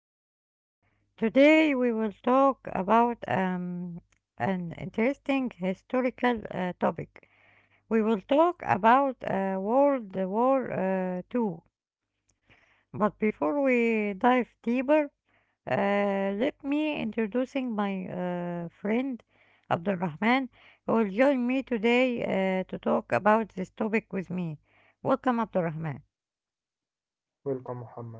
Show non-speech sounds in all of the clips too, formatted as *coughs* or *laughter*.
episode. Today, we will talk about an interesting historical topic. We will talk about World War II. But before we dive deeper, uh, let me introducing my friend Abdulrahman, who will join me today to talk about this topic with me. Welcome, Abdulrahman. Welcome, Muhammad.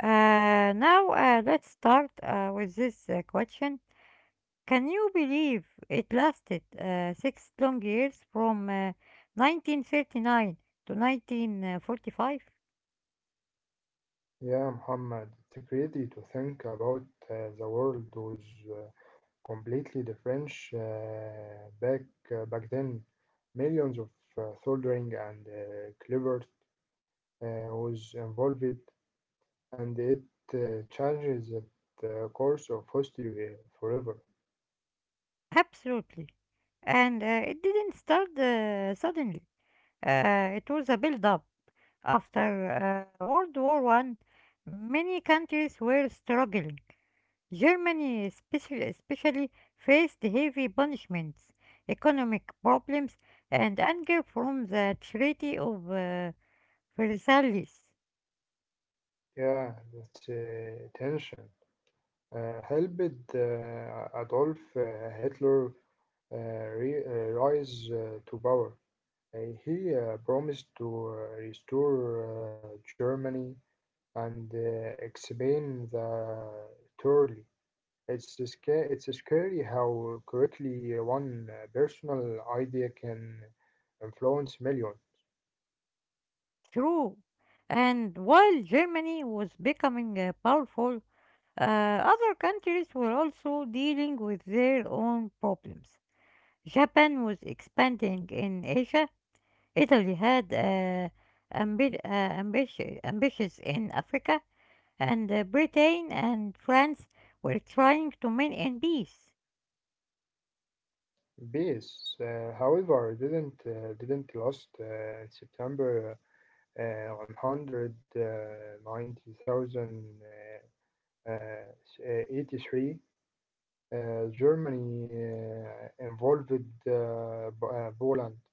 Now let's start with this question. Can you believe it lasted six long years from 1939 to 1945? Yeah, Muhammad, it's crazy to think about the world was uh, completely different back then. Millions of uh, soldering and cleaver was involved, and it changes the course of history forever. Absolutely. And it didn't start suddenly. It was a build-up. After World War One, many countries were struggling. Germany especially faced heavy punishments, economic problems, and anger from the Treaty of Versailles. Yeah, that's tension. Helped Adolf Hitler uh, rise to power. Uh, he promised to restore Germany and expand the territory. It's scary how quickly one personal idea can influence millions. True. And while Germany was becoming powerful, other countries were also dealing with their own problems. Japan was expanding in Asia, Italy had ambitions in Africa, and Britain and France were trying to win in peace. Peace, however, didn't last. In September, 190,000 uh, uh, Germany involved Poland.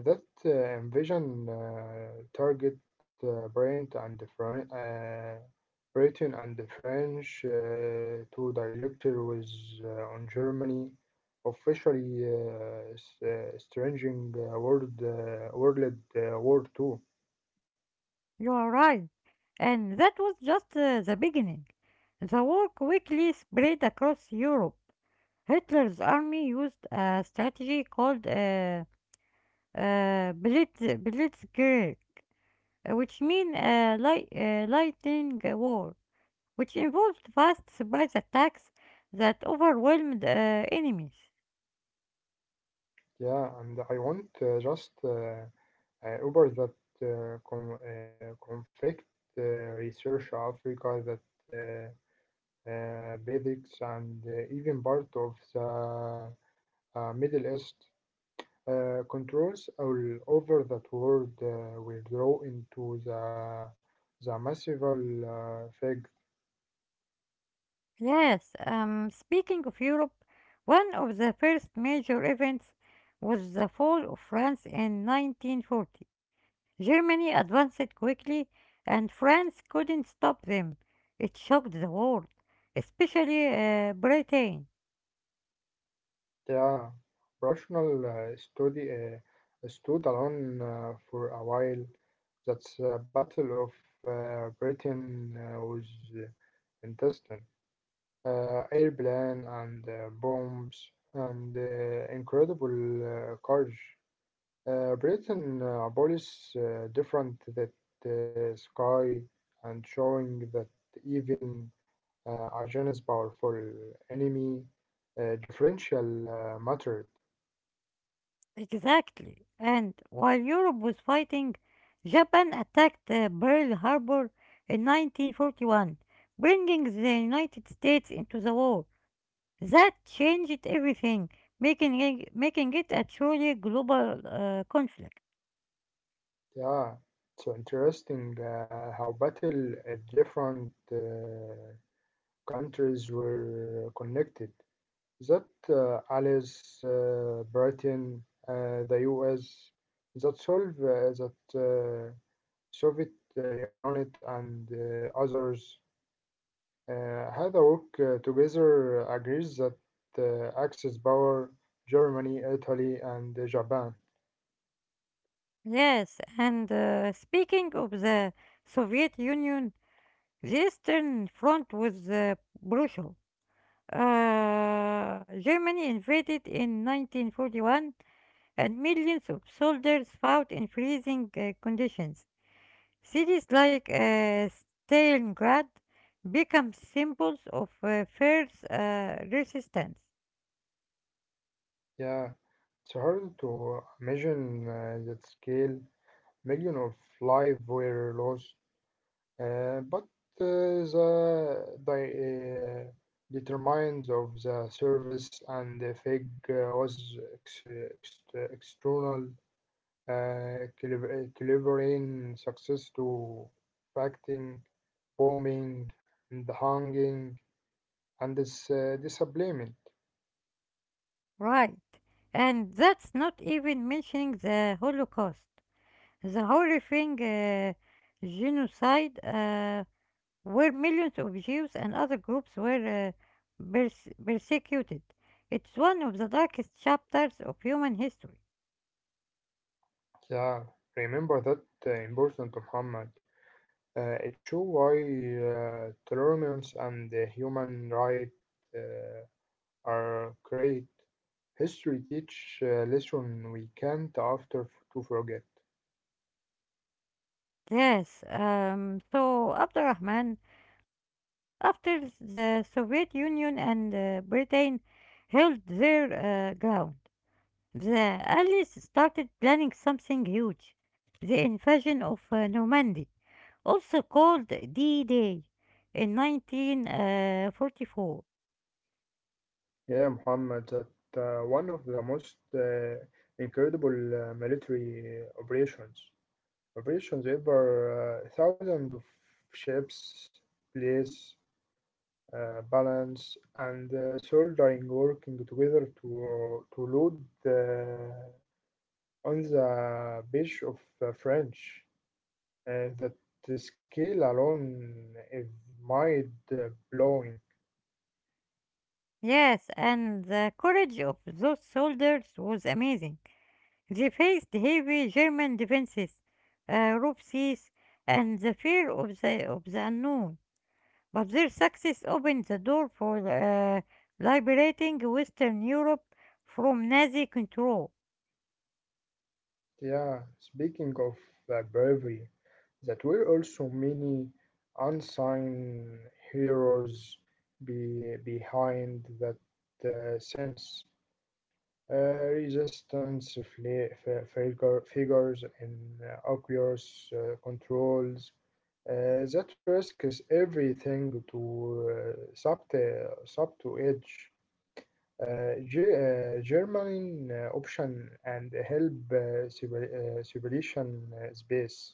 That invasion target Brent and the Fran- Britain and the French to directly was on Germany, officially s- stringing World World War Two. You are right. And that was just the beginning. The war quickly spread across Europe. Hitler's army used a strategy called Blitzkrieg, which means lightning war, which involved vast surprise attacks that overwhelmed enemies. Yeah, and I want just. Uber that conflict research Africa that uh, basics and even part of the Middle East controls all over that world will grow into the massive fact. Yes, speaking of Europe, one of the first major events was the fall of France in 1940. Germany advanced quickly, and France couldn't stop them. It shocked the world, especially Britain. Yeah, rational study stood alone for a while. That's the Battle of Britain was intestine. Airplane and bombs and incredible courage. Britain abolished different that sky and showing that even a genius powerful enemy differential mattered. Exactly. And while Europe was fighting, Japan attacked Pearl Harbor in 1941, bringing the United States into the war. That changed everything, making it a truly global conflict. Yeah, so interesting how battle different countries were connected. That allows Britain, the US, that solve that Soviet unit and others had a work together agrees that Axis power Germany, Italy, and Japan. Yes, and speaking of the Soviet Union, the Eastern Front was brutal. Germany invaded in 1941, and millions of soldiers fought in freezing conditions. Cities like Stalingrad become symbols of fierce resistance. Yeah, it's hard to imagine that scale. Million of lives were lost. But uh, the determinants of the service and the fig was external clevering success to facting, bombing, and hanging, and this disablement. Right. And that's not even mentioning the Holocaust, the horrifying genocide where millions of Jews and other groups were persecuted. It's one of the darkest chapters of human history. Yeah, remember that important, Muhammad. It show why tolerance and the human right. Uh, are great. History teach a lesson we can't after to forget. Yes, so Abdurrahman, after the Soviet Union and Britain held their ground, the Allies started planning something huge: the invasion of Normandy, also called D Day, in 1944. Yeah, Muhammad, that one of the most incredible military operations. Operations ever thousands of ships, place, balance, and soldering working together to load the, on the beach of French. That the scale alone is mind blowing. Yes, and the courage of those soldiers was amazing. They faced heavy German defenses, rope seas, and the fear of the unknown. But their success opened the door for liberating Western Europe from Nazi control. Yeah, speaking of bravery, that were also many unsung heroes behind that sense. Uh, Resistance figures in Oculus controls. That risk is everything to sub to edge. Uh, Ge- German option and help civilization space.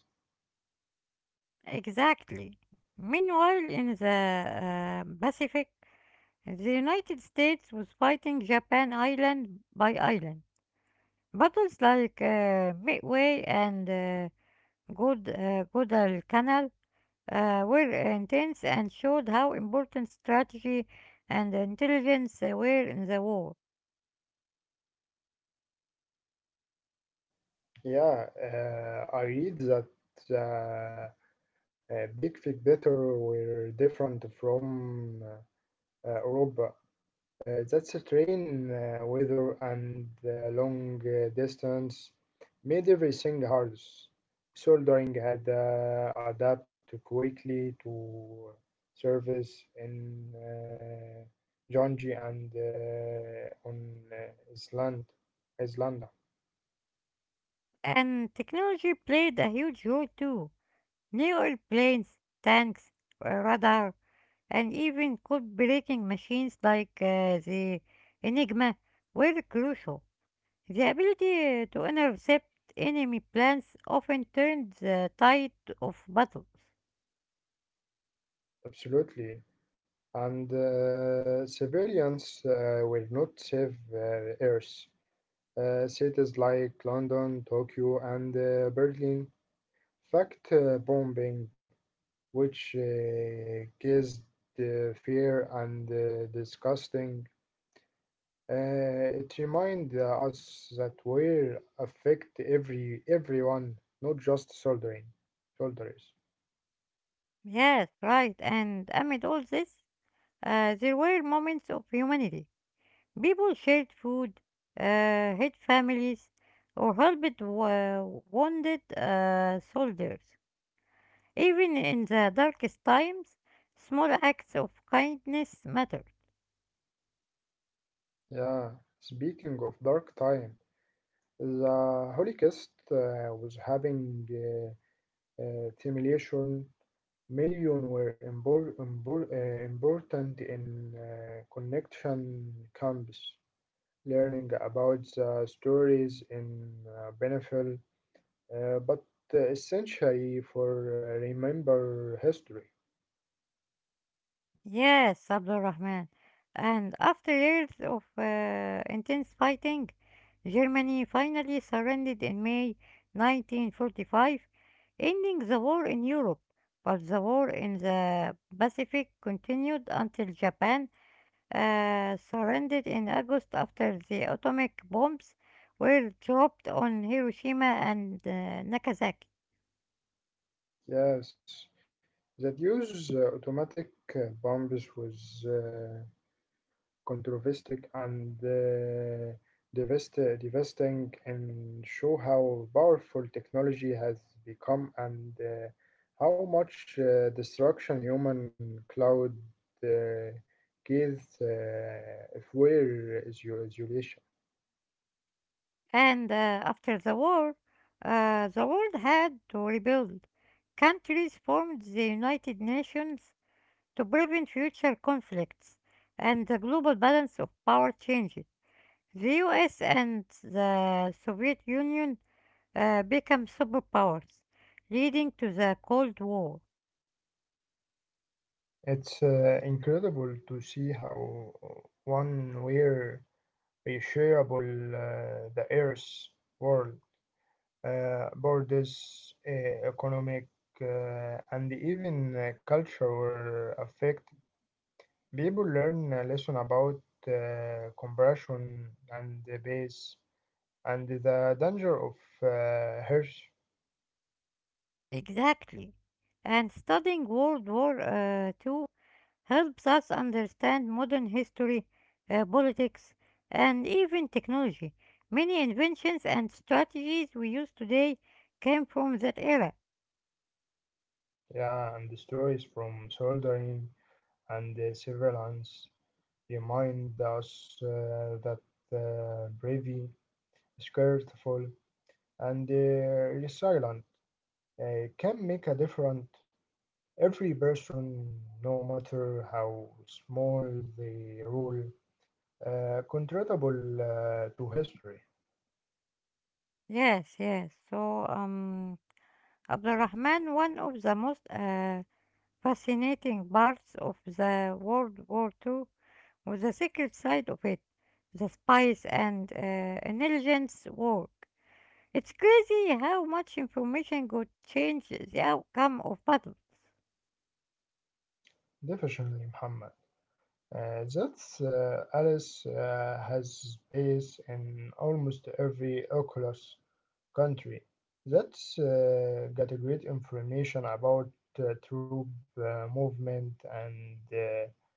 Exactly. Meanwhile, in the Pacific, the United States was fighting Japan island by island. Battles like Midway and Guadalcanal were intense and showed how important strategy and intelligence were in the war. Yeah, I read that uh, big fig better were different from Europa. That's a train weather and long distance made everything harder. Soldering had adapted quickly to service in Jonji and on Island, Islanda. And technology played a huge role too. New airplanes, tanks, radar, and even code-breaking machines like the Enigma were crucial. The ability to intercept enemy plans often turned the tide of battles. Absolutely. And civilians will not save Earth. Cities like London, Tokyo, and Berlin fact bombing, which gives the fear and disgusting. It reminds us that we affect everyone, not just soldiering soldiers. Yes, right. And amid all this, there were moments of humanity. People shared food, hid families, or helped wounded soldiers. Even in the darkest times, small acts of kindness mattered. Yeah. Speaking of dark time, the Holy Kist was having simulation million were important in connection camps. Learning about the stories in Benefil, but essentially for remember history. Yes, Abdurrahman. And after years of intense fighting, Germany finally surrendered in May 1945, ending the war in Europe. But the war in the Pacific continued until Japan surrendered in August after the atomic bombs were dropped on Hiroshima and Nagasaki. Yes, that use automatic bombs was. Controversial and devastating and show how powerful technology has become and how much destruction human cloud uh, gives if we're isolation. And after the war, the world had to rebuild. Countries formed the United Nations to prevent future conflicts, and the global balance of power changed. The US and the Soviet Union became superpowers, leading to the Cold War. It's incredible to see how one where we shareable the Earth's world borders, economic, and even culture were affected. People learn a lesson about compression and the base and the danger of harsh. Exactly. And studying World War II helps us understand modern history, politics, and even technology. Many inventions and strategies we use today came from that era. Yeah, and the stories from soldering and surveillance remind us that bravery skillful, and resilient can make a difference. Every person, no matter how small the role, contributable to history. Yes, yes. So, Abdurrahman, one of the most fascinating parts of the World War II was the secret side of it, the spies and intelligence work. It's crazy how much information could change the outcome of battle. Definitely, Muhammad. That's Alice has space in almost every Oculus country. That's got a great information about troop movement and uh,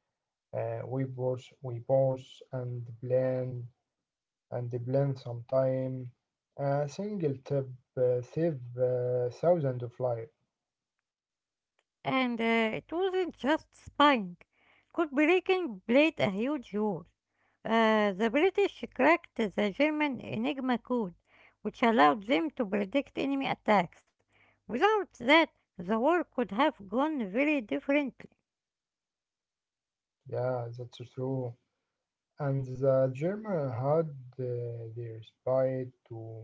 uh, we both we both and plan and blend sometime. A single tip save thousands of lives. And it wasn't just spying. Cold breaking played a huge role. The British cracked the German Enigma code, which allowed them to predict enemy attacks. Without that, the war could have gone very differently. Yeah, that's true. And the German had their spy too.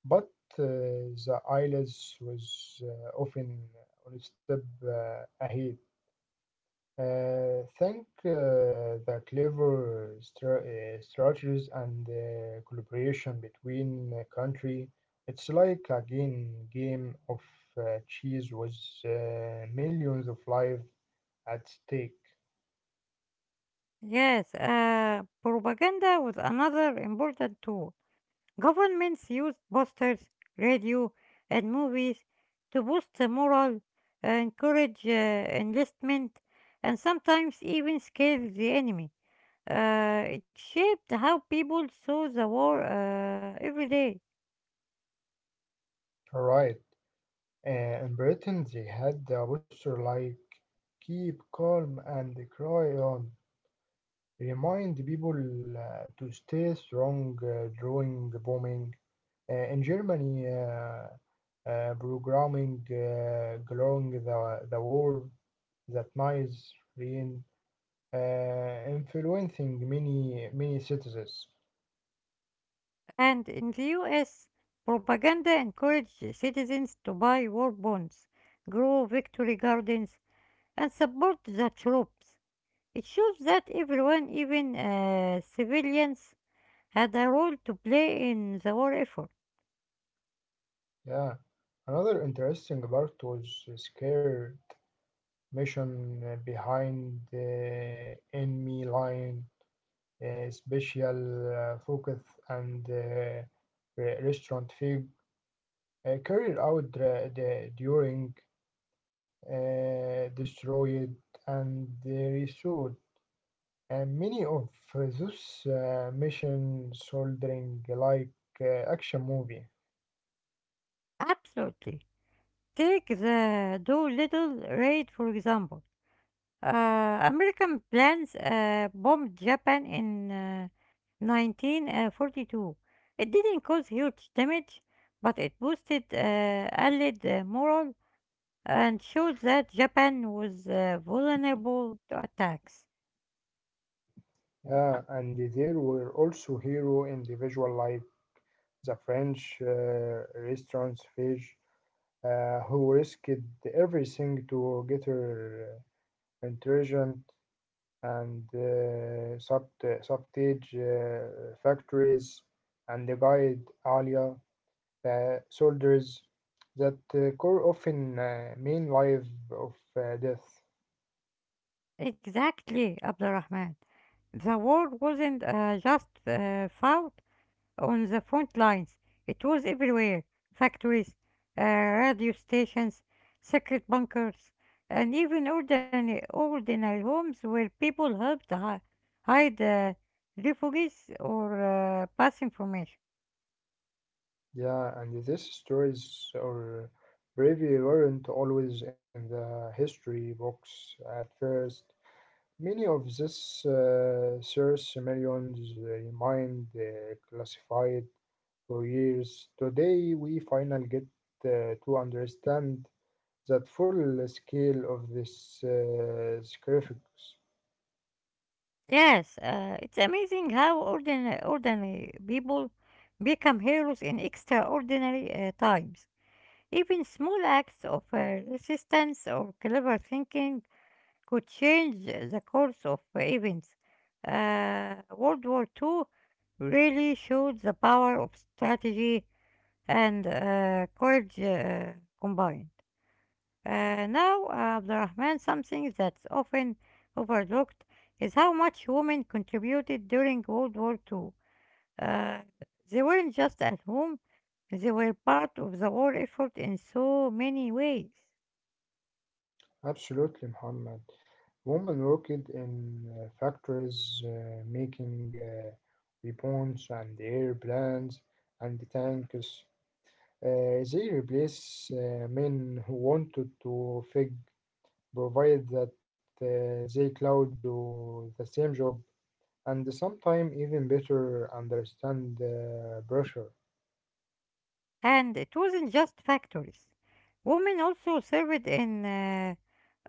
But the ILS was often on a step ahead. Thank the clever strategies and collaboration between country. It's like a game of cheese with millions of lives at stake. Yes, propaganda was another important tool. Governments use posters, radio, and movies to boost the morale, encourage enlistment, and sometimes even scare the enemy. It shaped how people saw the war every day. Right. Uh, in Britain, they had a poster like "Keep calm and cry on." Remind people to stay strong during bombing. In Germany. Programming glowing the war that nice rain influencing many citizens. And in the US, propaganda encouraged citizens to buy war bonds, grow victory gardens, and support the troops. It shows that everyone, even civilians, had a role to play in the war effort. Yeah, another interesting part was scared mission behind the enemy line, special focus and restaurant fig carried out during destroyed and restored. And many of those mission soldering like action movie. Absolutely. Take the Doolittle raid, for example. American planes bombed Japan in 1942. It didn't cause huge damage, but it boosted Allied morale and showed that Japan was vulnerable to attacks. Yeah, and there were also hero individual like the French restaurant fish who risked everything to get her intelligent and subtage factories and the guide Alia soldiers that core often mean life of death. Exactly, Abdurrahman. The war wasn't just fought on the front lines. It was everywhere: factories, radio stations, secret bunkers, and even ordinary homes where people helped hide refugees or pass information. Yeah, and these stories or bravery weren't always in the history books at first. Many of these source millions remained classified for years. Today, we finally get to understand that full scale of this sacrifice. Yes, it's amazing how ordinary people become heroes in extraordinary times. Even small acts of resistance or clever thinking could change the course of events. World War Two really showed the power of strategy and courage combined. Now, Abdurrahman, something that's often overlooked is how much women contributed during World War Two. Uh, they weren't just at home, they were part of the war effort in so many ways. Absolutely, Muhammad. Women worked in factories making weapons and airplanes and tanks. They replace men who wanted to fig provide that they could do the same job and sometimes even better understand pressure. And it wasn't just factories. Women also served in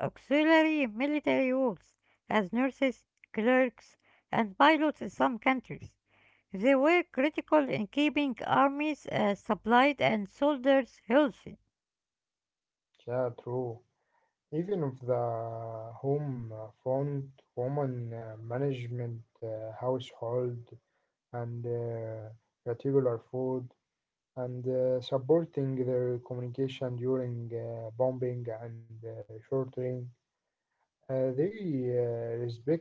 auxiliary military roles as nurses, clerks, and pilots in some countries. They were critical in keeping armies supplied and soldiers healthy. Yeah, true. Even if the home front woman management household and regular food and supporting their communication during bombing and shortening. They respect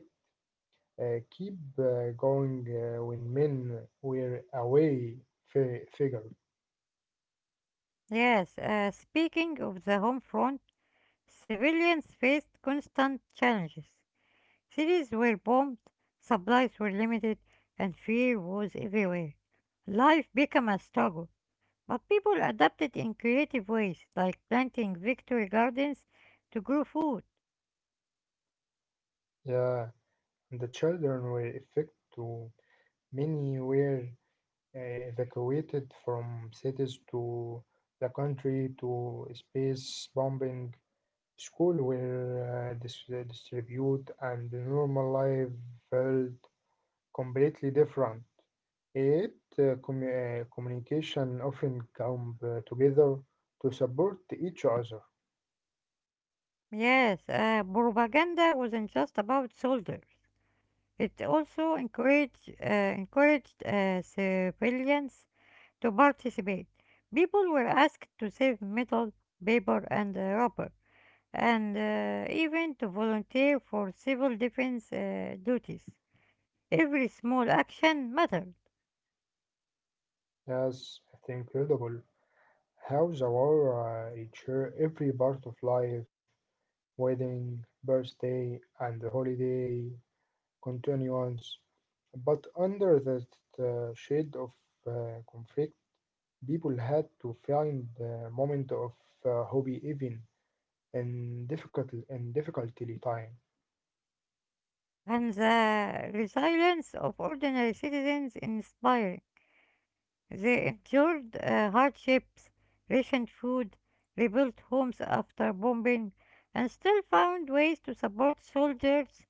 keep going when men were away figure. Yes, speaking of the home front, civilians faced constant challenges. Cities were bombed, supplies were limited, and fear was everywhere. Life became a struggle, but people adapted in creative ways, like planting victory gardens to grow food. Yeah, and the children were affected too. Many were evacuated from cities to the country to space bombing. Schools were distributed, and the normal life felt completely different. Yet, communication often come together to support each other. Yes, propaganda wasn't just about soldiers. It also encouraged civilians to participate. People were asked to save metal, paper, and rubber, and even to volunteer for civil defense duties. Every small action mattered. That's incredible how the war reached every part of life wedding, birthday, and holiday continuance. But under that shade of conflict, people had to find a moment of hobby even in difficulty time. And the resilience of ordinary citizens inspiring. They endured hardships, rationed food, rebuilt homes after bombing, and still found ways to support soldiers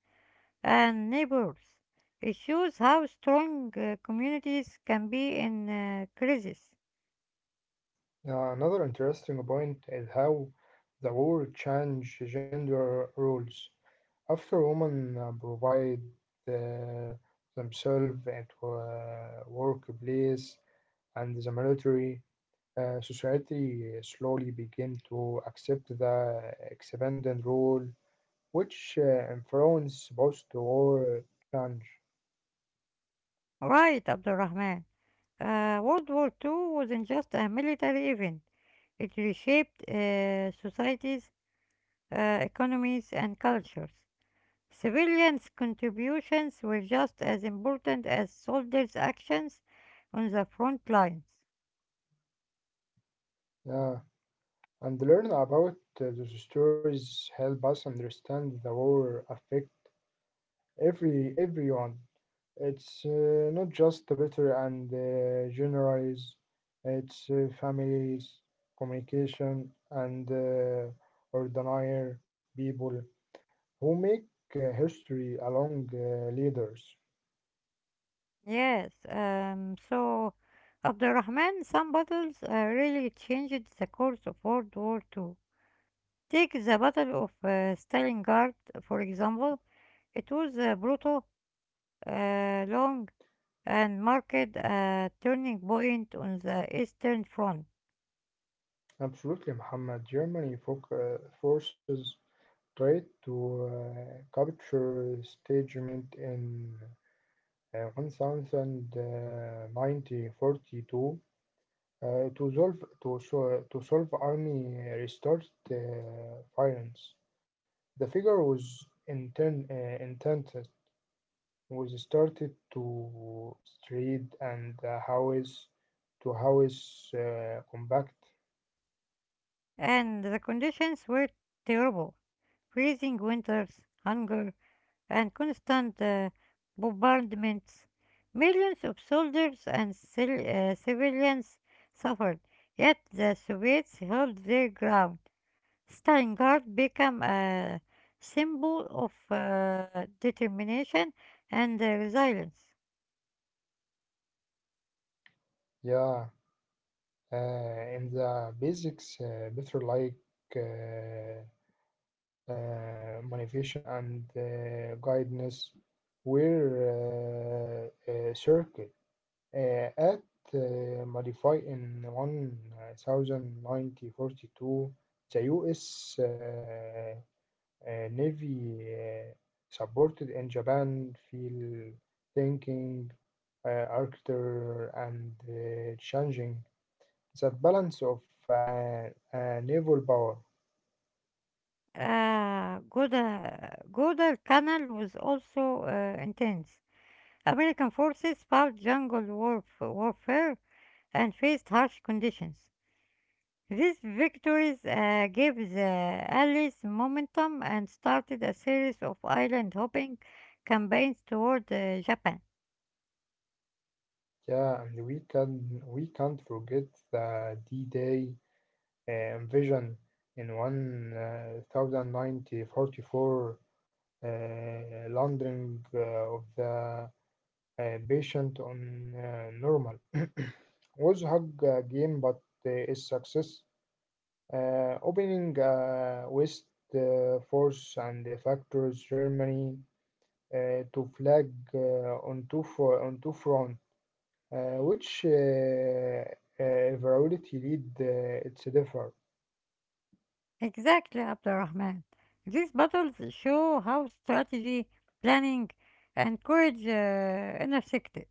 and neighbors. It shows how strong communities can be in crisis. Another interesting point is how the war changed gender roles. After women provide uh, themselves at workplace and the military, society slowly began to accept the expanded role, which influenced post-war change. Right, Abdurrahman. World War 2 wasn't just a military event. It reshaped societies, economies, and cultures. Civilians' contributions were just as important as soldiers' actions on the front lines. Yeah, and learn about those stories help us understand the war affect everyone. It's not just the bitter and generalize. It's families, communication, and ordinary people who make history along leaders. Yes, so Abdurrahman, some battles really changed the course of World War Two. Take the Battle of Stalingrad, for example. It was brutal, long, and marked a turning point on the Eastern Front, Absolutely, Muhammad. Germany foc forces tried to capture statement in 1942 uh, to solve to, so, to solve army restart uh, violence. The figure was intended was started to street and house to house combat. and the conditions were terrible: freezing winters, hunger, and constant bombardments. Millions of soldiers and civilians suffered, yet the Soviets held their ground. Stalingrad became a symbol of determination and resilience. Yeah, in the basics, better like. Uh, Motivation and guidance were circled at modify in 1942 the US Navy supported in Japan field thinking architecture and changing that balance of uh, naval power. Guadalcanal was also intense. American forces fought jungle warfare and faced harsh conditions. These victories gave the Allies momentum and started a series of island hopping campaigns toward Japan. Yeah, and we can't forget the D-Day invasion in 1944, uh, landing of the patient on normal. *coughs* *clears throat* Was hug game, but is success. Opening West Force and Factors Germany to flag on two fronts. Which virality lead it's differ. Exactly, Abdurrahman. These battles show how strategy, planning, and courage intersected.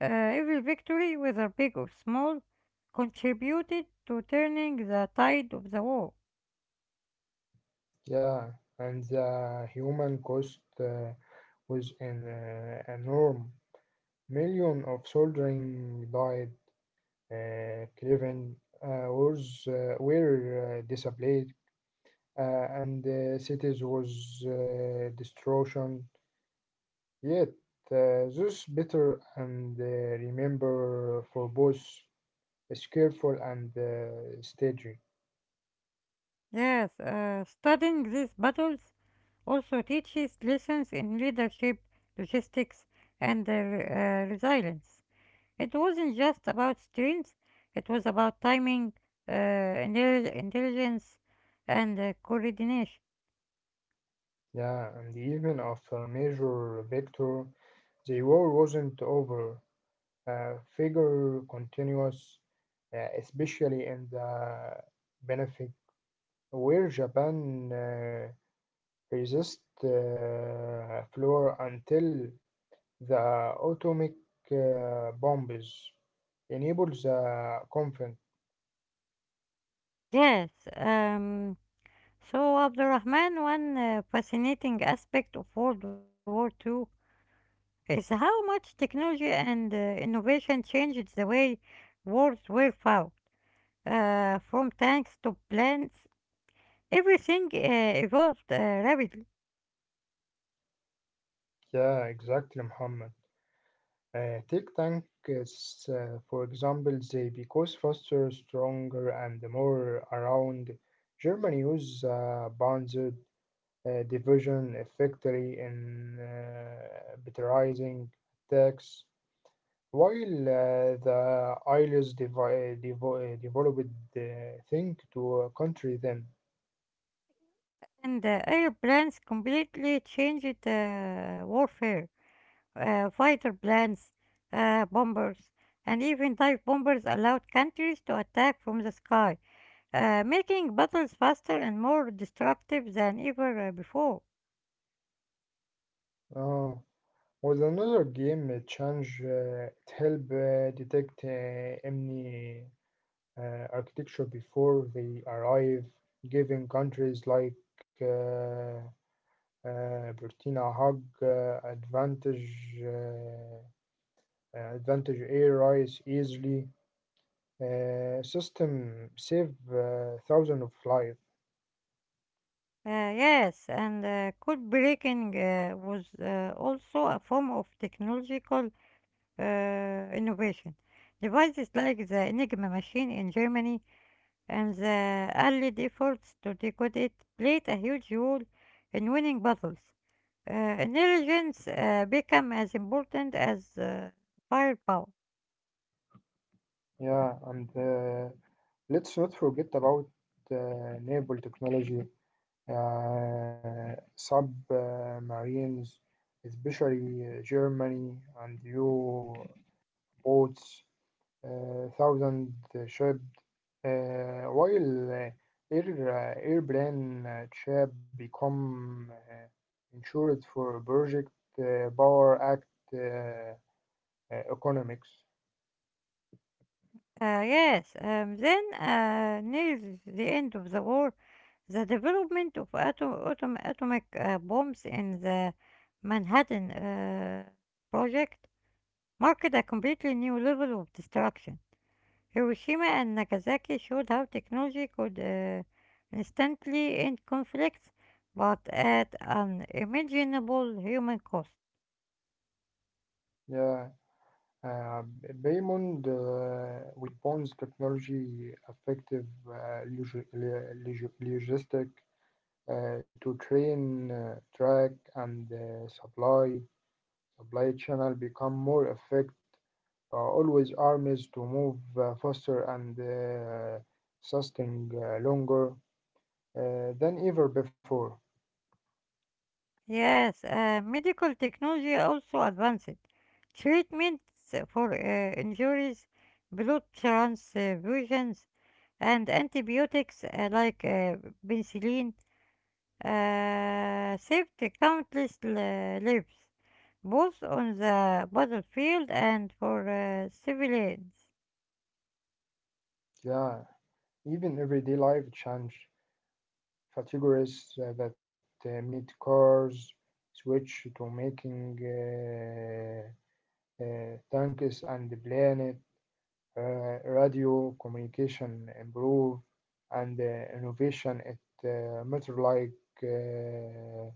Every victory, whether big or small, contributed to turning the tide of the war. Yeah, and the human cost was an enorm. Million of soldiering died, Cleveland was were displayed, and cities was destruction. Yet those bitter and remember for both is careful and staging. Yes, studying these battles also teaches lessons in leadership, logistics, and resilience. It wasn't just about strength, it was about timing, intelligence, and coordination. Yeah, and even after Major victory, the war wasn't over. Figure continuous, especially in the Pacific, where Japan resist floor until the atomic bombs enabled the conflict. Yes, um, so Abdurrahman, one fascinating aspect of World War II is how much technology and innovation changed the way wars were fought, from tanks to planes. Everything evolved rapidly, Yeah, exactly, Muhammad. Take tank for example, they because faster, stronger, and more around. Germany use Panzer division effectively in batterizing attacks, while the ILS developed the thing to country them. and airplanes completely changed warfare. Fighter planes, bombers, and even dive bombers allowed countries to attack from the sky, making battles faster and more disruptive than ever before. Oh. With another game change, it help detect enemy architecture before they arrive, giving countries like uh, Burkina Hag advantage uh, advantage air rights easily. System save thousands of lives. Yes, and code breaking was also a form of technological uh, innovation. Devices like the Enigma machine in Germany and the early efforts to decode it played a huge role in winning battles. Intelligence became as important as firepower. Yeah, and let's not forget about uh, naval technology, submarines, especially Germany and U boats thousand ship while air airplane ship become insured for project power act uh, economics. Yes, then near the end of the war, the development of atomic bombs in the Manhattan Project marked a completely new level of destruction. Hiroshima and Nagasaki showed how technology could instantly end conflicts, but at an imaginable human cost. Yeah, uh, Baymond weapons technology effective logistic to train track and supply supply channel become more effective, always armies to move faster and sustain longer than ever before. Yes, medical technology also advanced. Treatments for injuries, blood transfusions, and antibiotics like penicillin saved countless lives both on the battlefield and for civilians. Yeah, even everyday life change. Categories that meet cars switch to making tanks and the planet. Radio communication improve, and innovation it matter like. Uh,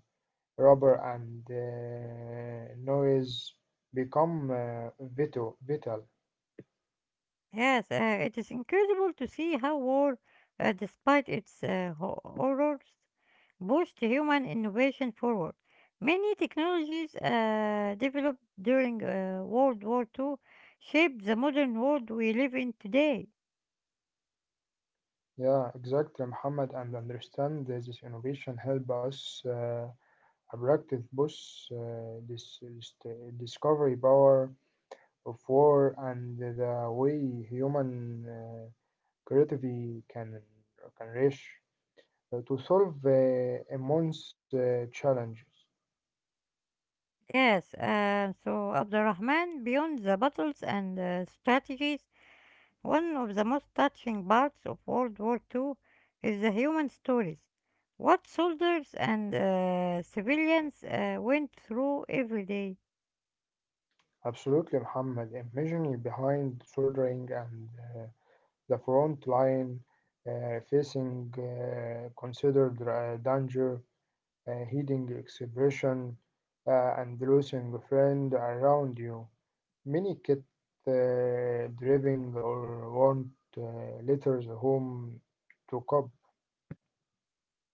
Rubber and noise become vital, vital. Yes, it is incredible to see how war, despite its horrors, pushed human innovation forward. Many technologies developed during World War Two shaped the modern world we live in today. Yeah, exactly, Muhammad. And understand that this innovation help us abductive boss this discovery power of war and the way human creativity can reach to solve immense challenges. Yes, so Abdurrahman, beyond the battles and strategies, one of the most touching parts of World War Two is the human stories. What soldiers and civilians went through every day. Absolutely, Muhammad. Imagining behind soldering and uh, the front line facing considered danger, hiding expression, and losing a friend around you. Many get driving or want uh, letters home to cope,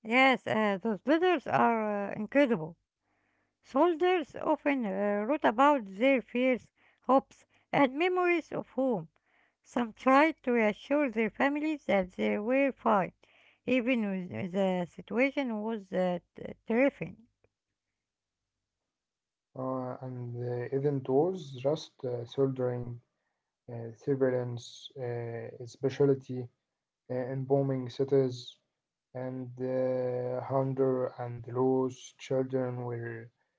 Yes, those letters are incredible. Soldiers often wrote about their fears, hopes, and memories of home. Some tried to reassure their families that they were fine, even when the situation was terrifying. And isn't was just soldering surveillance specialty, embalming cities, and hunger and loss children were.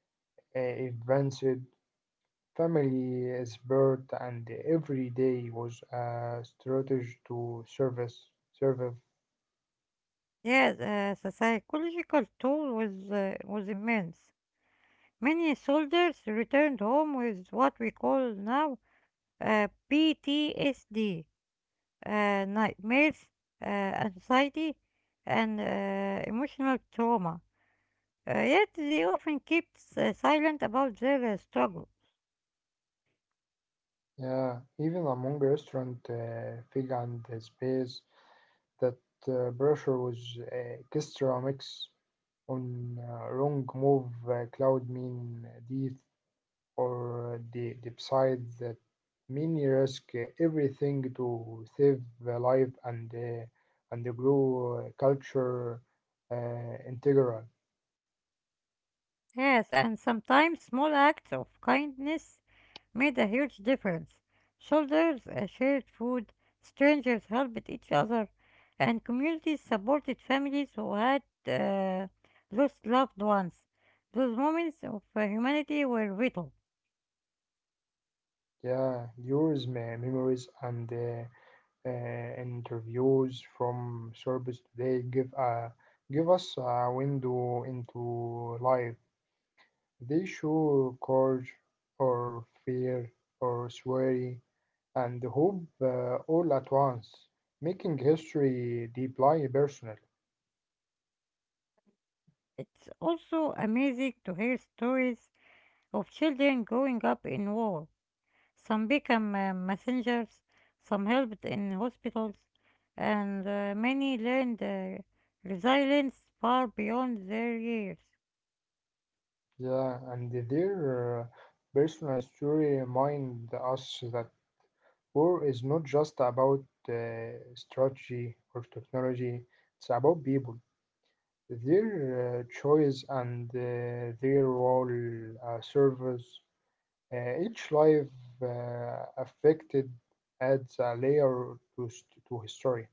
Advanced family is birth and every day was a strategy to service survive. Yes, the psychological toll was immense. Many soldiers returned home with what we call now, PTSD, nightmares, uh, anxiety, and emotional trauma. Yet they often keep silent about their struggle. Yeah, even among restaurant fig and space that pressure was extra mix on wrong move cloud mean death or the side that many risk everything to save the life and the grow culture integral. Yes, and sometimes small acts of kindness made a huge difference. Soldiers shared food, strangers helped each other, and communities supported families who had lost loved ones. Those moments of humanity were vital. Yeah, use memories and interviews from service today give a give us a window into life. They show courage or fear or worry and hope all at once, making history deeply personal. It's also amazing to hear stories of children growing up in war. Some became messengers, some helped in hospitals, and many learned resilience far beyond their years. Yeah, and their personal story remind us that war is not just about uh, strategy or technology, it's about people, their choice, and their role service. Each life affected adds a layer to, to history.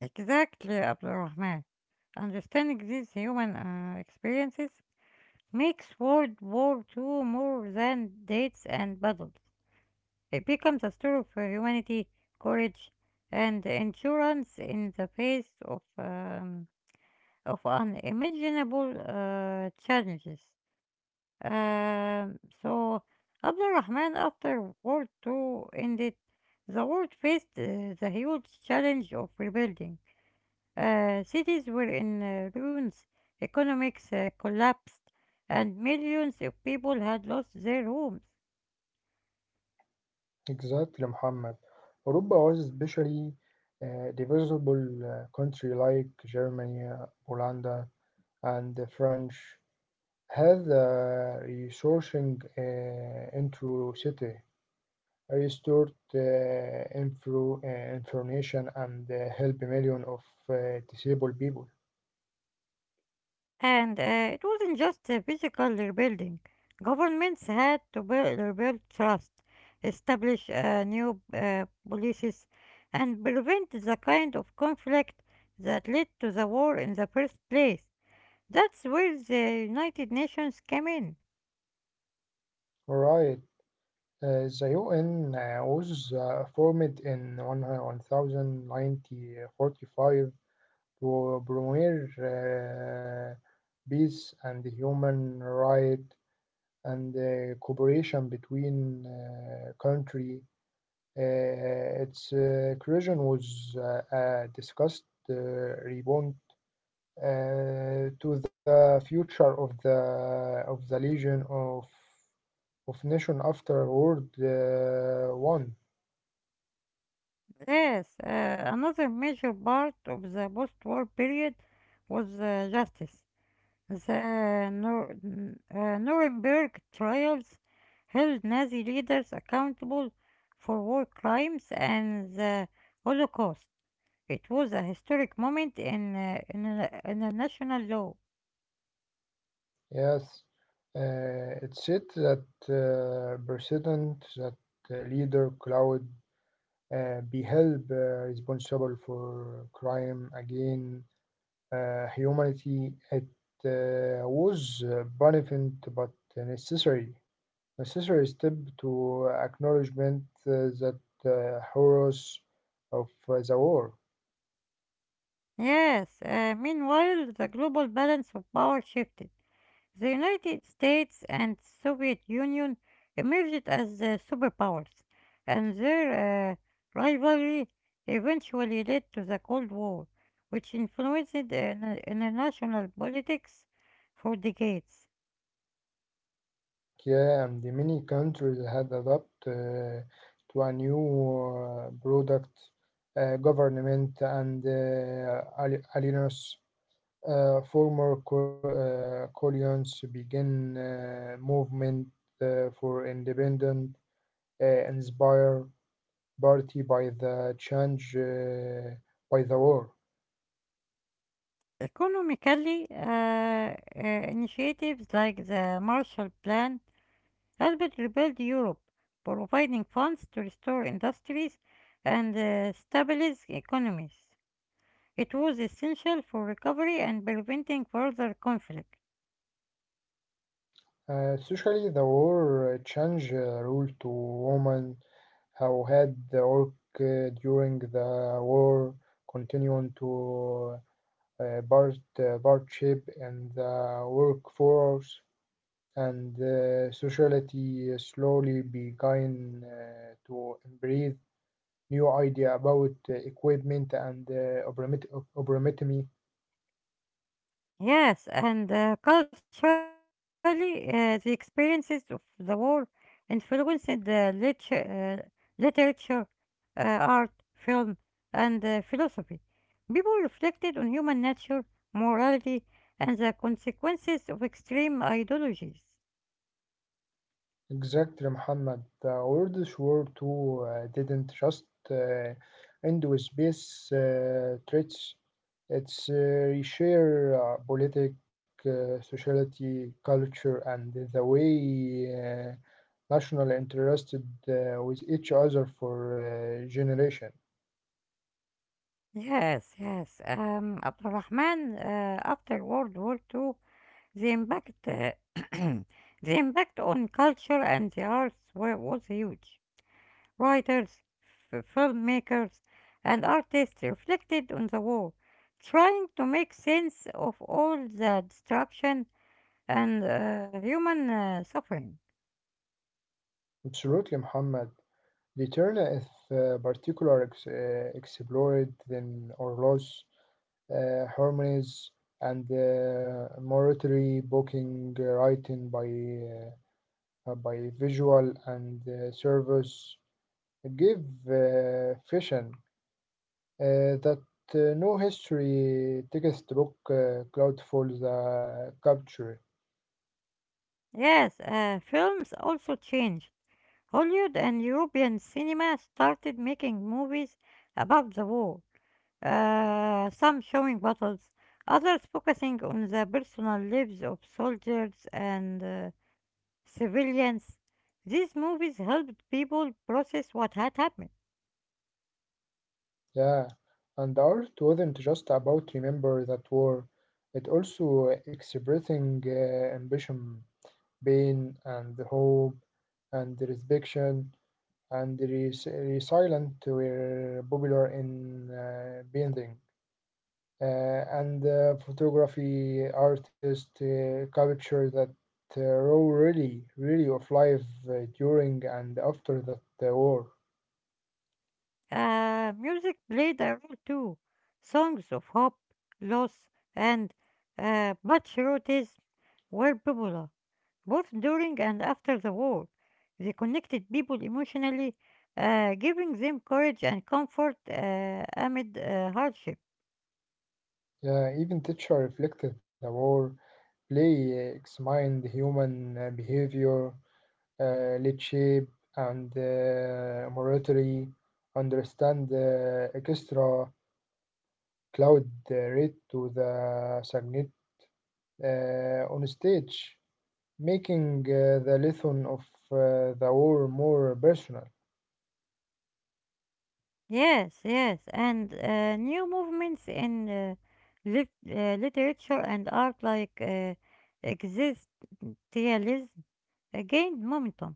Exactly, Abdul Rahman. Understanding these human experiences makes World War II more than dates and battles. It becomes a story of humanity, courage, and endurance in the face of unimaginable challenges. Um, so, Abdul Rahman, after World II ended, the world faced the huge challenge of rebuilding. Cities were in ruins, economics collapsed, and millions of people had lost their homes. Exactly, Muhammad. Europe was especially divisible country like Germany, Poland, and the French. هذا resourcing into city restored info, information and help million of disabled people. And it wasn't just a physical rebuilding. Governments had to rebuild trust, establish new policies, and prevent the kind of conflict that led to the war in the first place. That's where the United Nations came in. Right. The UN was formed in 1945 to promote peace and human rights and cooperation between countries. Its creation was a discussed uh, reborn to the future of the Legion of Nation after World One. Yes, another major part of the post-war period was justice. The Nuremberg trials held Nazi leaders accountable for war crimes and the Holocaust. It was a historic moment in international law. Yes, it said that precedent that leader Cloud be held responsible for crime again. Humanity it was beneficent but necessary necessary step to acknowledgement that horrors of the war. Yes, meanwhile, the global balance of power shifted. The United States and Soviet Union emerged as superpowers, and their rivalry eventually led to the Cold War, which influenced international politics for decades. Yeah, and the many countries had adopted to a new product government and alliance. Former colonies began movement for independent, inspire party by the change by the war. Economically, initiatives like the Marshall Plan helped rebuild Europe, providing funds to restore industries and stabilize economies. It was essential for recovery and preventing further conflict. Especially the war change rule to women who had the work during the war continuing to partnership in the workforce and society slowly began to embrace new idea about equipment and obromit-. Yes, and culturally, the experiences of the war influenced the literature, art, film, and philosophy. People reflected on human nature, morality, and the consequences of extreme ideologies. Exactly, Muhammad. The World War II didn't just uh, end with space threats. It's reshare politic, sociality, culture, and the way national interested with each other for generation. Yes, yes. Abdurrahman, after World War Two, the impact, *clears throat* the impact on culture and the arts was huge. Writers, filmmakers, and artists reflected on the war, trying to make sense of all the destruction and human suffering. Absolutely, Muhammad. The turn if particular explored then or lost harmonies, and mortuary booking writing uh, by visual and service give vision that no history textbook cloud for the capture. Yes, films also changed. Hollywood and European cinema started making movies about the war, some showing battles, others focusing on the personal lives of soldiers and civilians. These movies helped people process what had happened. Yeah, and art wasn't just about remember that war. It also expressing ambition pain and hope and resurrection and the resilient were popular in painting. And photography artists capture that raw really, really of life during and after that war. Music played a role too. Songs of hope, loss, and patriotism were popular, both during and after the war. They connected people emotionally, giving them courage and comfort amid hardship. Even teacher reflected the war, play examined human behavior, lead shape and monetary understand the extra cloud rate to the signet on stage, making the lesson of the war more personal. Yes, yes, and new movements in literature and art like existentialism gained momentum.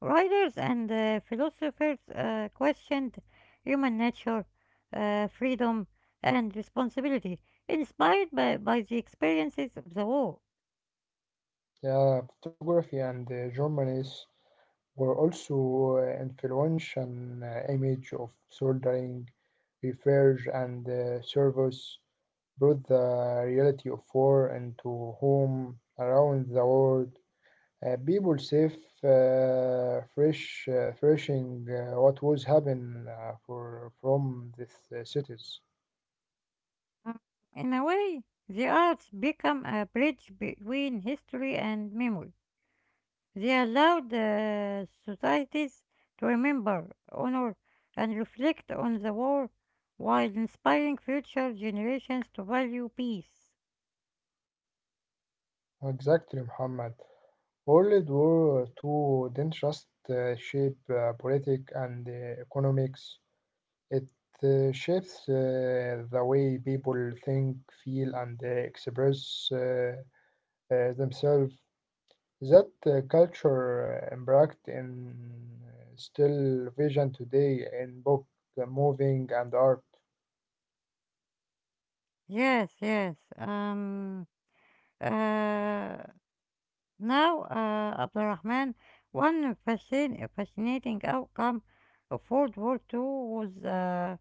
Writers and philosophers questioned human nature, freedom, and responsibility, inspired by the experiences of the war. Yeah, photography and journalists were also influential image of soldering, research, and service brought the reality of war into home around the world. People safe, fresh, thrashing what was happening from these cities. Mm. In a way, the arts become a bridge between history and memory. They allowed the societies to remember, honor, and reflect on the war while inspiring future generations to value peace. Exactly, Muhammad. World War II didn't just shape politics and economics. It shapes the way people think, feel, and express themselves. That culture embarked in still vision today in book, moving, and art. Yes, yes. Uh, Now, Abdurrahman, one fascinating outcome of World War Two was,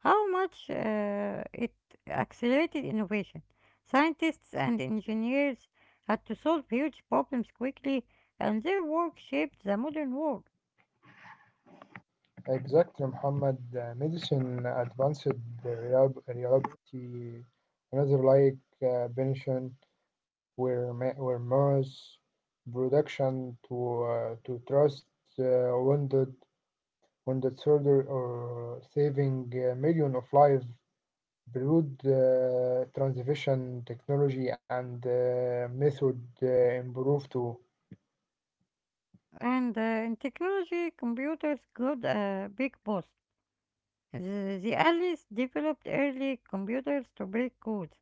how much it accelerated innovation. Scientists and engineers had to solve huge problems quickly, and their work shaped the modern world. Exactly, Muhammad. Medicine advanced the reliability, another like Benishon, where, where mass production to trust uh, wounded, wounded soldier or saving a million of lives. Broad transmission technology and method improve too. And in technology, computers got a big boost. The Alice developed early computers to break codes,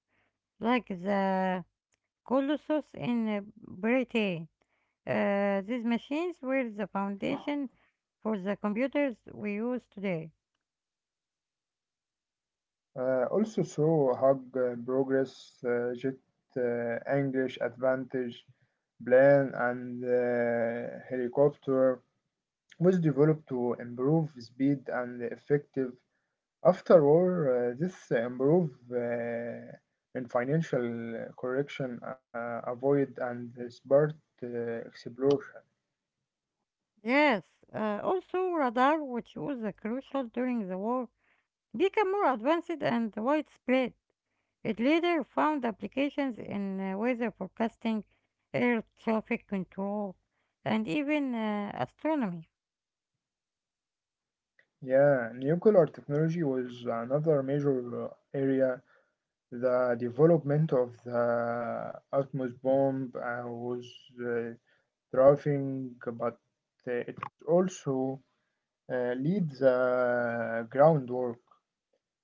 like the Colossus in Britain. These machines were the foundation for the computers we use today. Also through hug progress, jet English advantage, plane and helicopter was developed to improve speed and effective. After war, this improve in financial correction, avoid and smart explosion. Yes, also radar, which was crucial during the war, became more advanced and widespread. It later found applications in weather forecasting, air traffic control, and even astronomy. Yeah, nuclear technology was another major area. The development of the Atmos bomb was uh, thriving, but it also laid the groundwork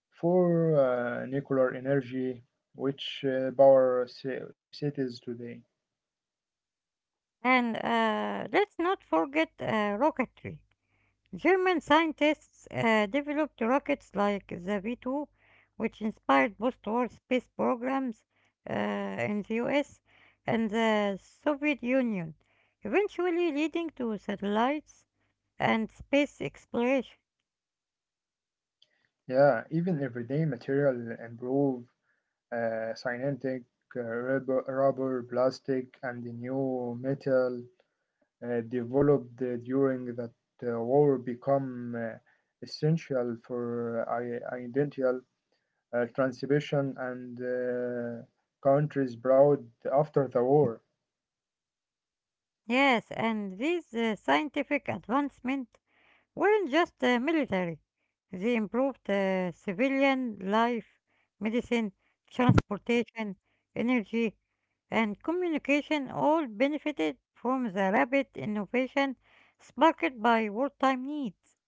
for nuclear energy, which power cities today. And let's not forget rocketry. German scientists developed rockets like the V 2, which inspired post war space programs in the US and the Soviet Union, eventually leading to satellites and space exploration. Yeah, even everyday material improve, synthetic, rubber, plastic, and the new metal developed during that war become essential for identical transmission and countries proud after the war. Yes, and these scientific advancements weren't just military, they improved civilian life, medicine, transportation, energy, and communication all benefited from the rapid innovation sparked by wartime needs.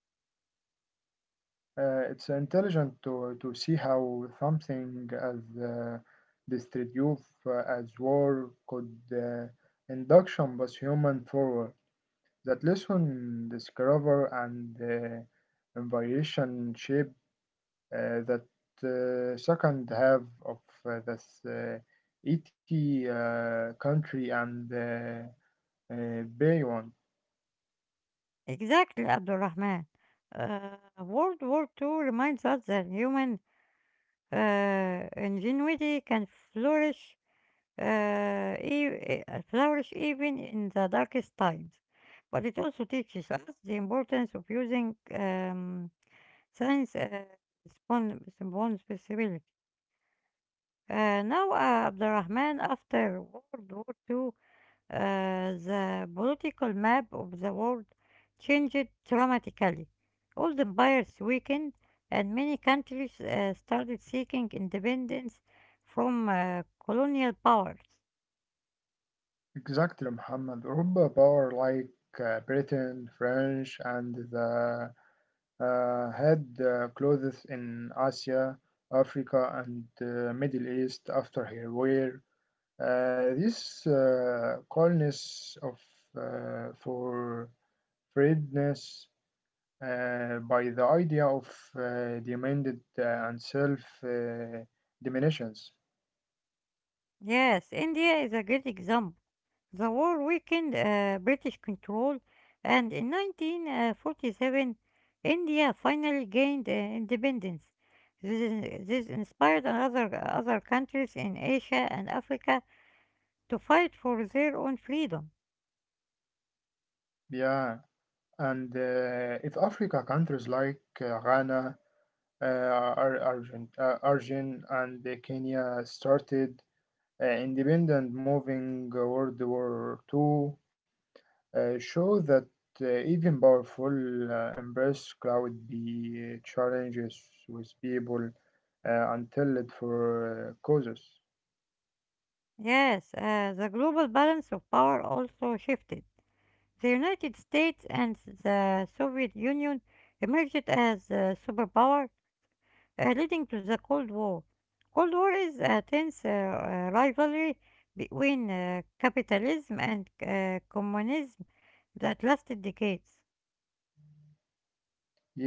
It's intelligent to see how something as destructive as war could induction was human forward. That lesson discover and invitation shape that second half of this ET country and beyond. Exactly, Abdulrahman. Uh, World War Two reminds us that human ingenuity can flourish, flourish even in the darkest times. But it also teaches us the importance of using, science respons- responsibility. Now, Abdurrahman, after World War II, uh, the political map of the world changed dramatically. Old empires weakened, and many countries started seeking independence from colonial powers. Exactly, Muhammad. Europa power like Britain, French, and the had clothes in Asia, Africa, and Middle East after her war. This coolness of for freedness by the idea of demanded and self diminutions. Yes, India is a great example. The war weakened British control, and in 1947, India finally gained independence. This inspired other countries in Asia and Africa to fight for their own freedom. Yeah, and if Africa countries like Ghana, Argent, and Kenya started independent moving World War two, show that even powerful embrace cloud be challenges with people until it for causes. Yes, the global balance of power also shifted. The United States and the Soviet Union emerged as a superpower, leading to the Cold War. Cold War is a tense rivalry between capitalism and communism that lasted decades.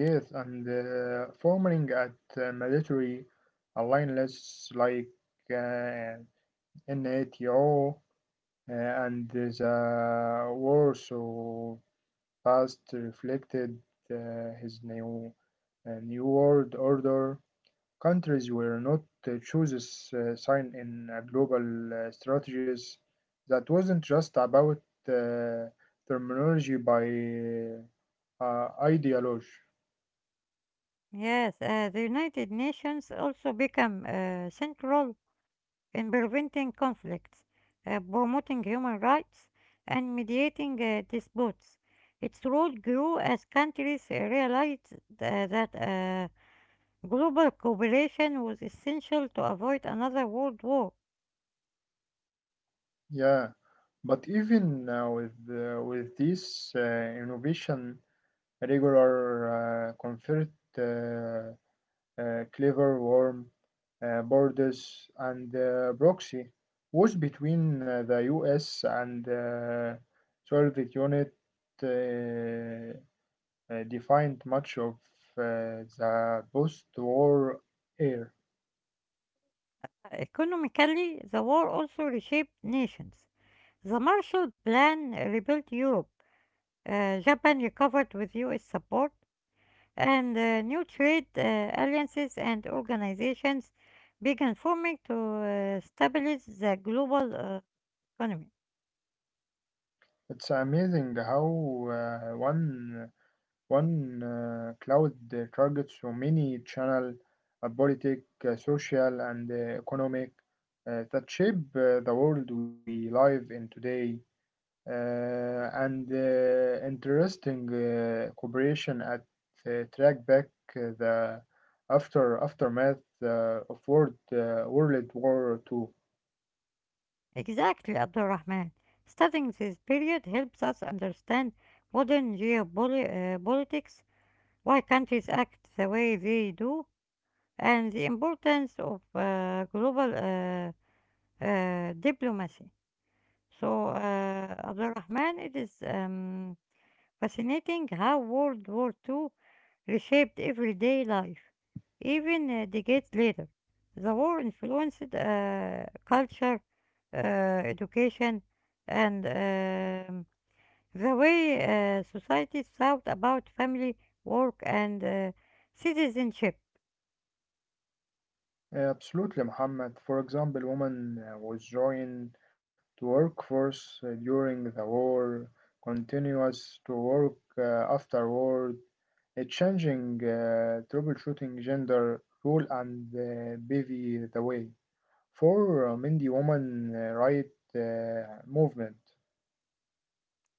Yes, and forming at military alliances like uh, NATO and the Warsaw Past reflected uh, his new, new world order. Countries were not chooses sign in a global strategies that wasn't just about uh, terminology by ideology. Yes, the United Nations also became central in preventing conflicts, promoting human rights, and mediating disputes. Its role grew as countries realized that global cooperation was essential to avoid another world war. Yeah, but even with with this innovation, regular, comfort, uh, clever, warm, borders and proxy wars between the US and Soviet Union uh, defined much of the post-war era. Economically, the war also reshaped nations. The Marshall Plan rebuilt Europe. Japan recovered with US support, and new trade alliances and organizations began forming to stabilize the global economy. It's amazing how one one cloud targets so many channels, politic, social, and economic that shape the world we live in today, and interesting cooperation at track back the after aftermath of World War Two. Exactly, Abdulrahman. Studying this period helps us understand modern geopolitics, why countries act the way they do, and the importance of global diplomacy. So, Abdul Rahman, it is fascinating how World War II reshaped everyday life, even decades later. The war influenced culture, education, and the way societies thought about family, work, and citizenship. Absolutely, Muhammad. For example, women was joined to workforce during the war, continuous to work afterward, changing troubleshooting gender role and paving the way for men the woman right movement,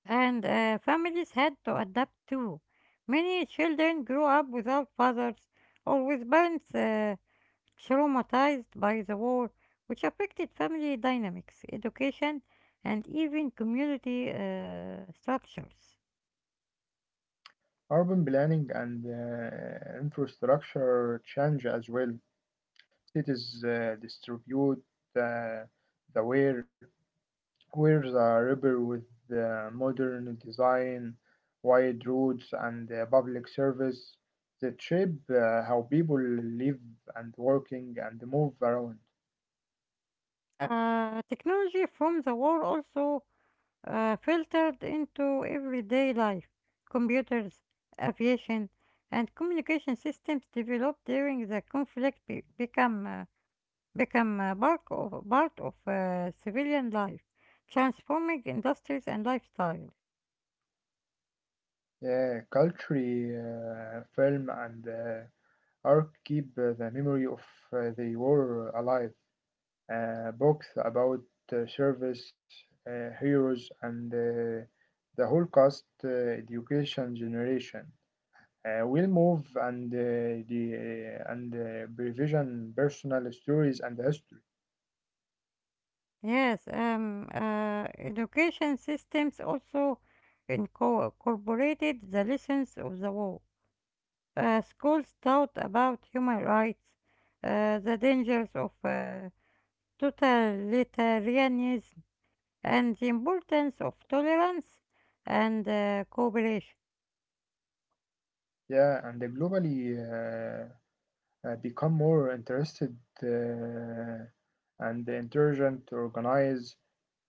And families had to adapt too. Many children grew up without fathers or with parents traumatized by the war, which affected family dynamics, education, and even community structures. urban planning and infrastructure change as well. Cities distribute uh, the where the river with the modern design, wide roads and public service that shape how people live and working and move around. Technology from the war also filtered into everyday life. Computers, aviation, and communication systems developed during the conflict become a part of civilian life, transforming industries and lifestyle. Yeah, culture, film and Ark keep the memory of the war alive. Books about service, heroes, and the Holocaust education generation. Will move the and revision personal stories and history. Yes, education systems also incorporated the lessons of the war. Schools taught about human rights, the dangers of totalitarianism, and the importance of tolerance and cooperation. Yeah, and the globally become more interested uh, and intelligent, organized.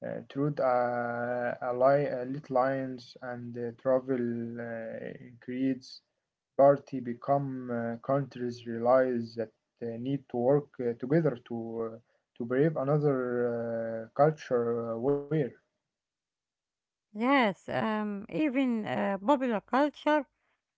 Truth, lit lines and travel creeds. Party become countries realize that they need to work together to brave another culture where. Yes, even popular culture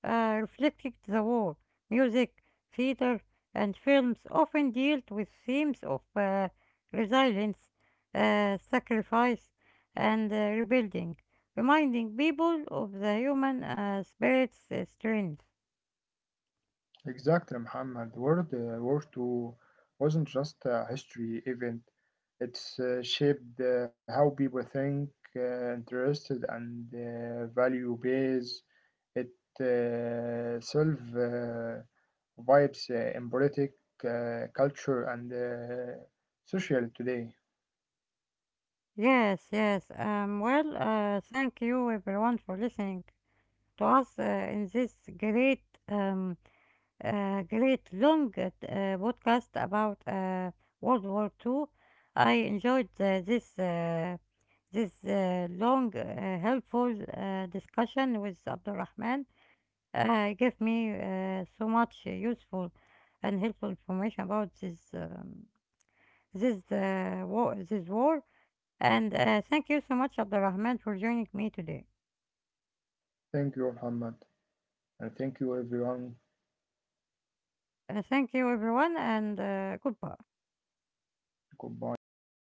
reflected the war. Music, theater, and films often dealt with themes of resilience, sacrifice, and rebuilding, reminding people of the human spirit's strength. Exactly, Muhammad. World War II wasn't just a history event. It's shaped how people think, interested, and value base. It solve vibes in politic, culture, and social today. Yes, yes. Well, thank you everyone for listening to us in this great um, great long podcast about World War Two. I enjoyed this long, helpful discussion with Abdulrahman. Gave me so much useful and helpful information about this war, this war. And thank you so much, Abdulrahman, for joining me today. Thank you, Muhammad, and thank you, everyone. Thank you, everyone, and goodbye. Goodbye.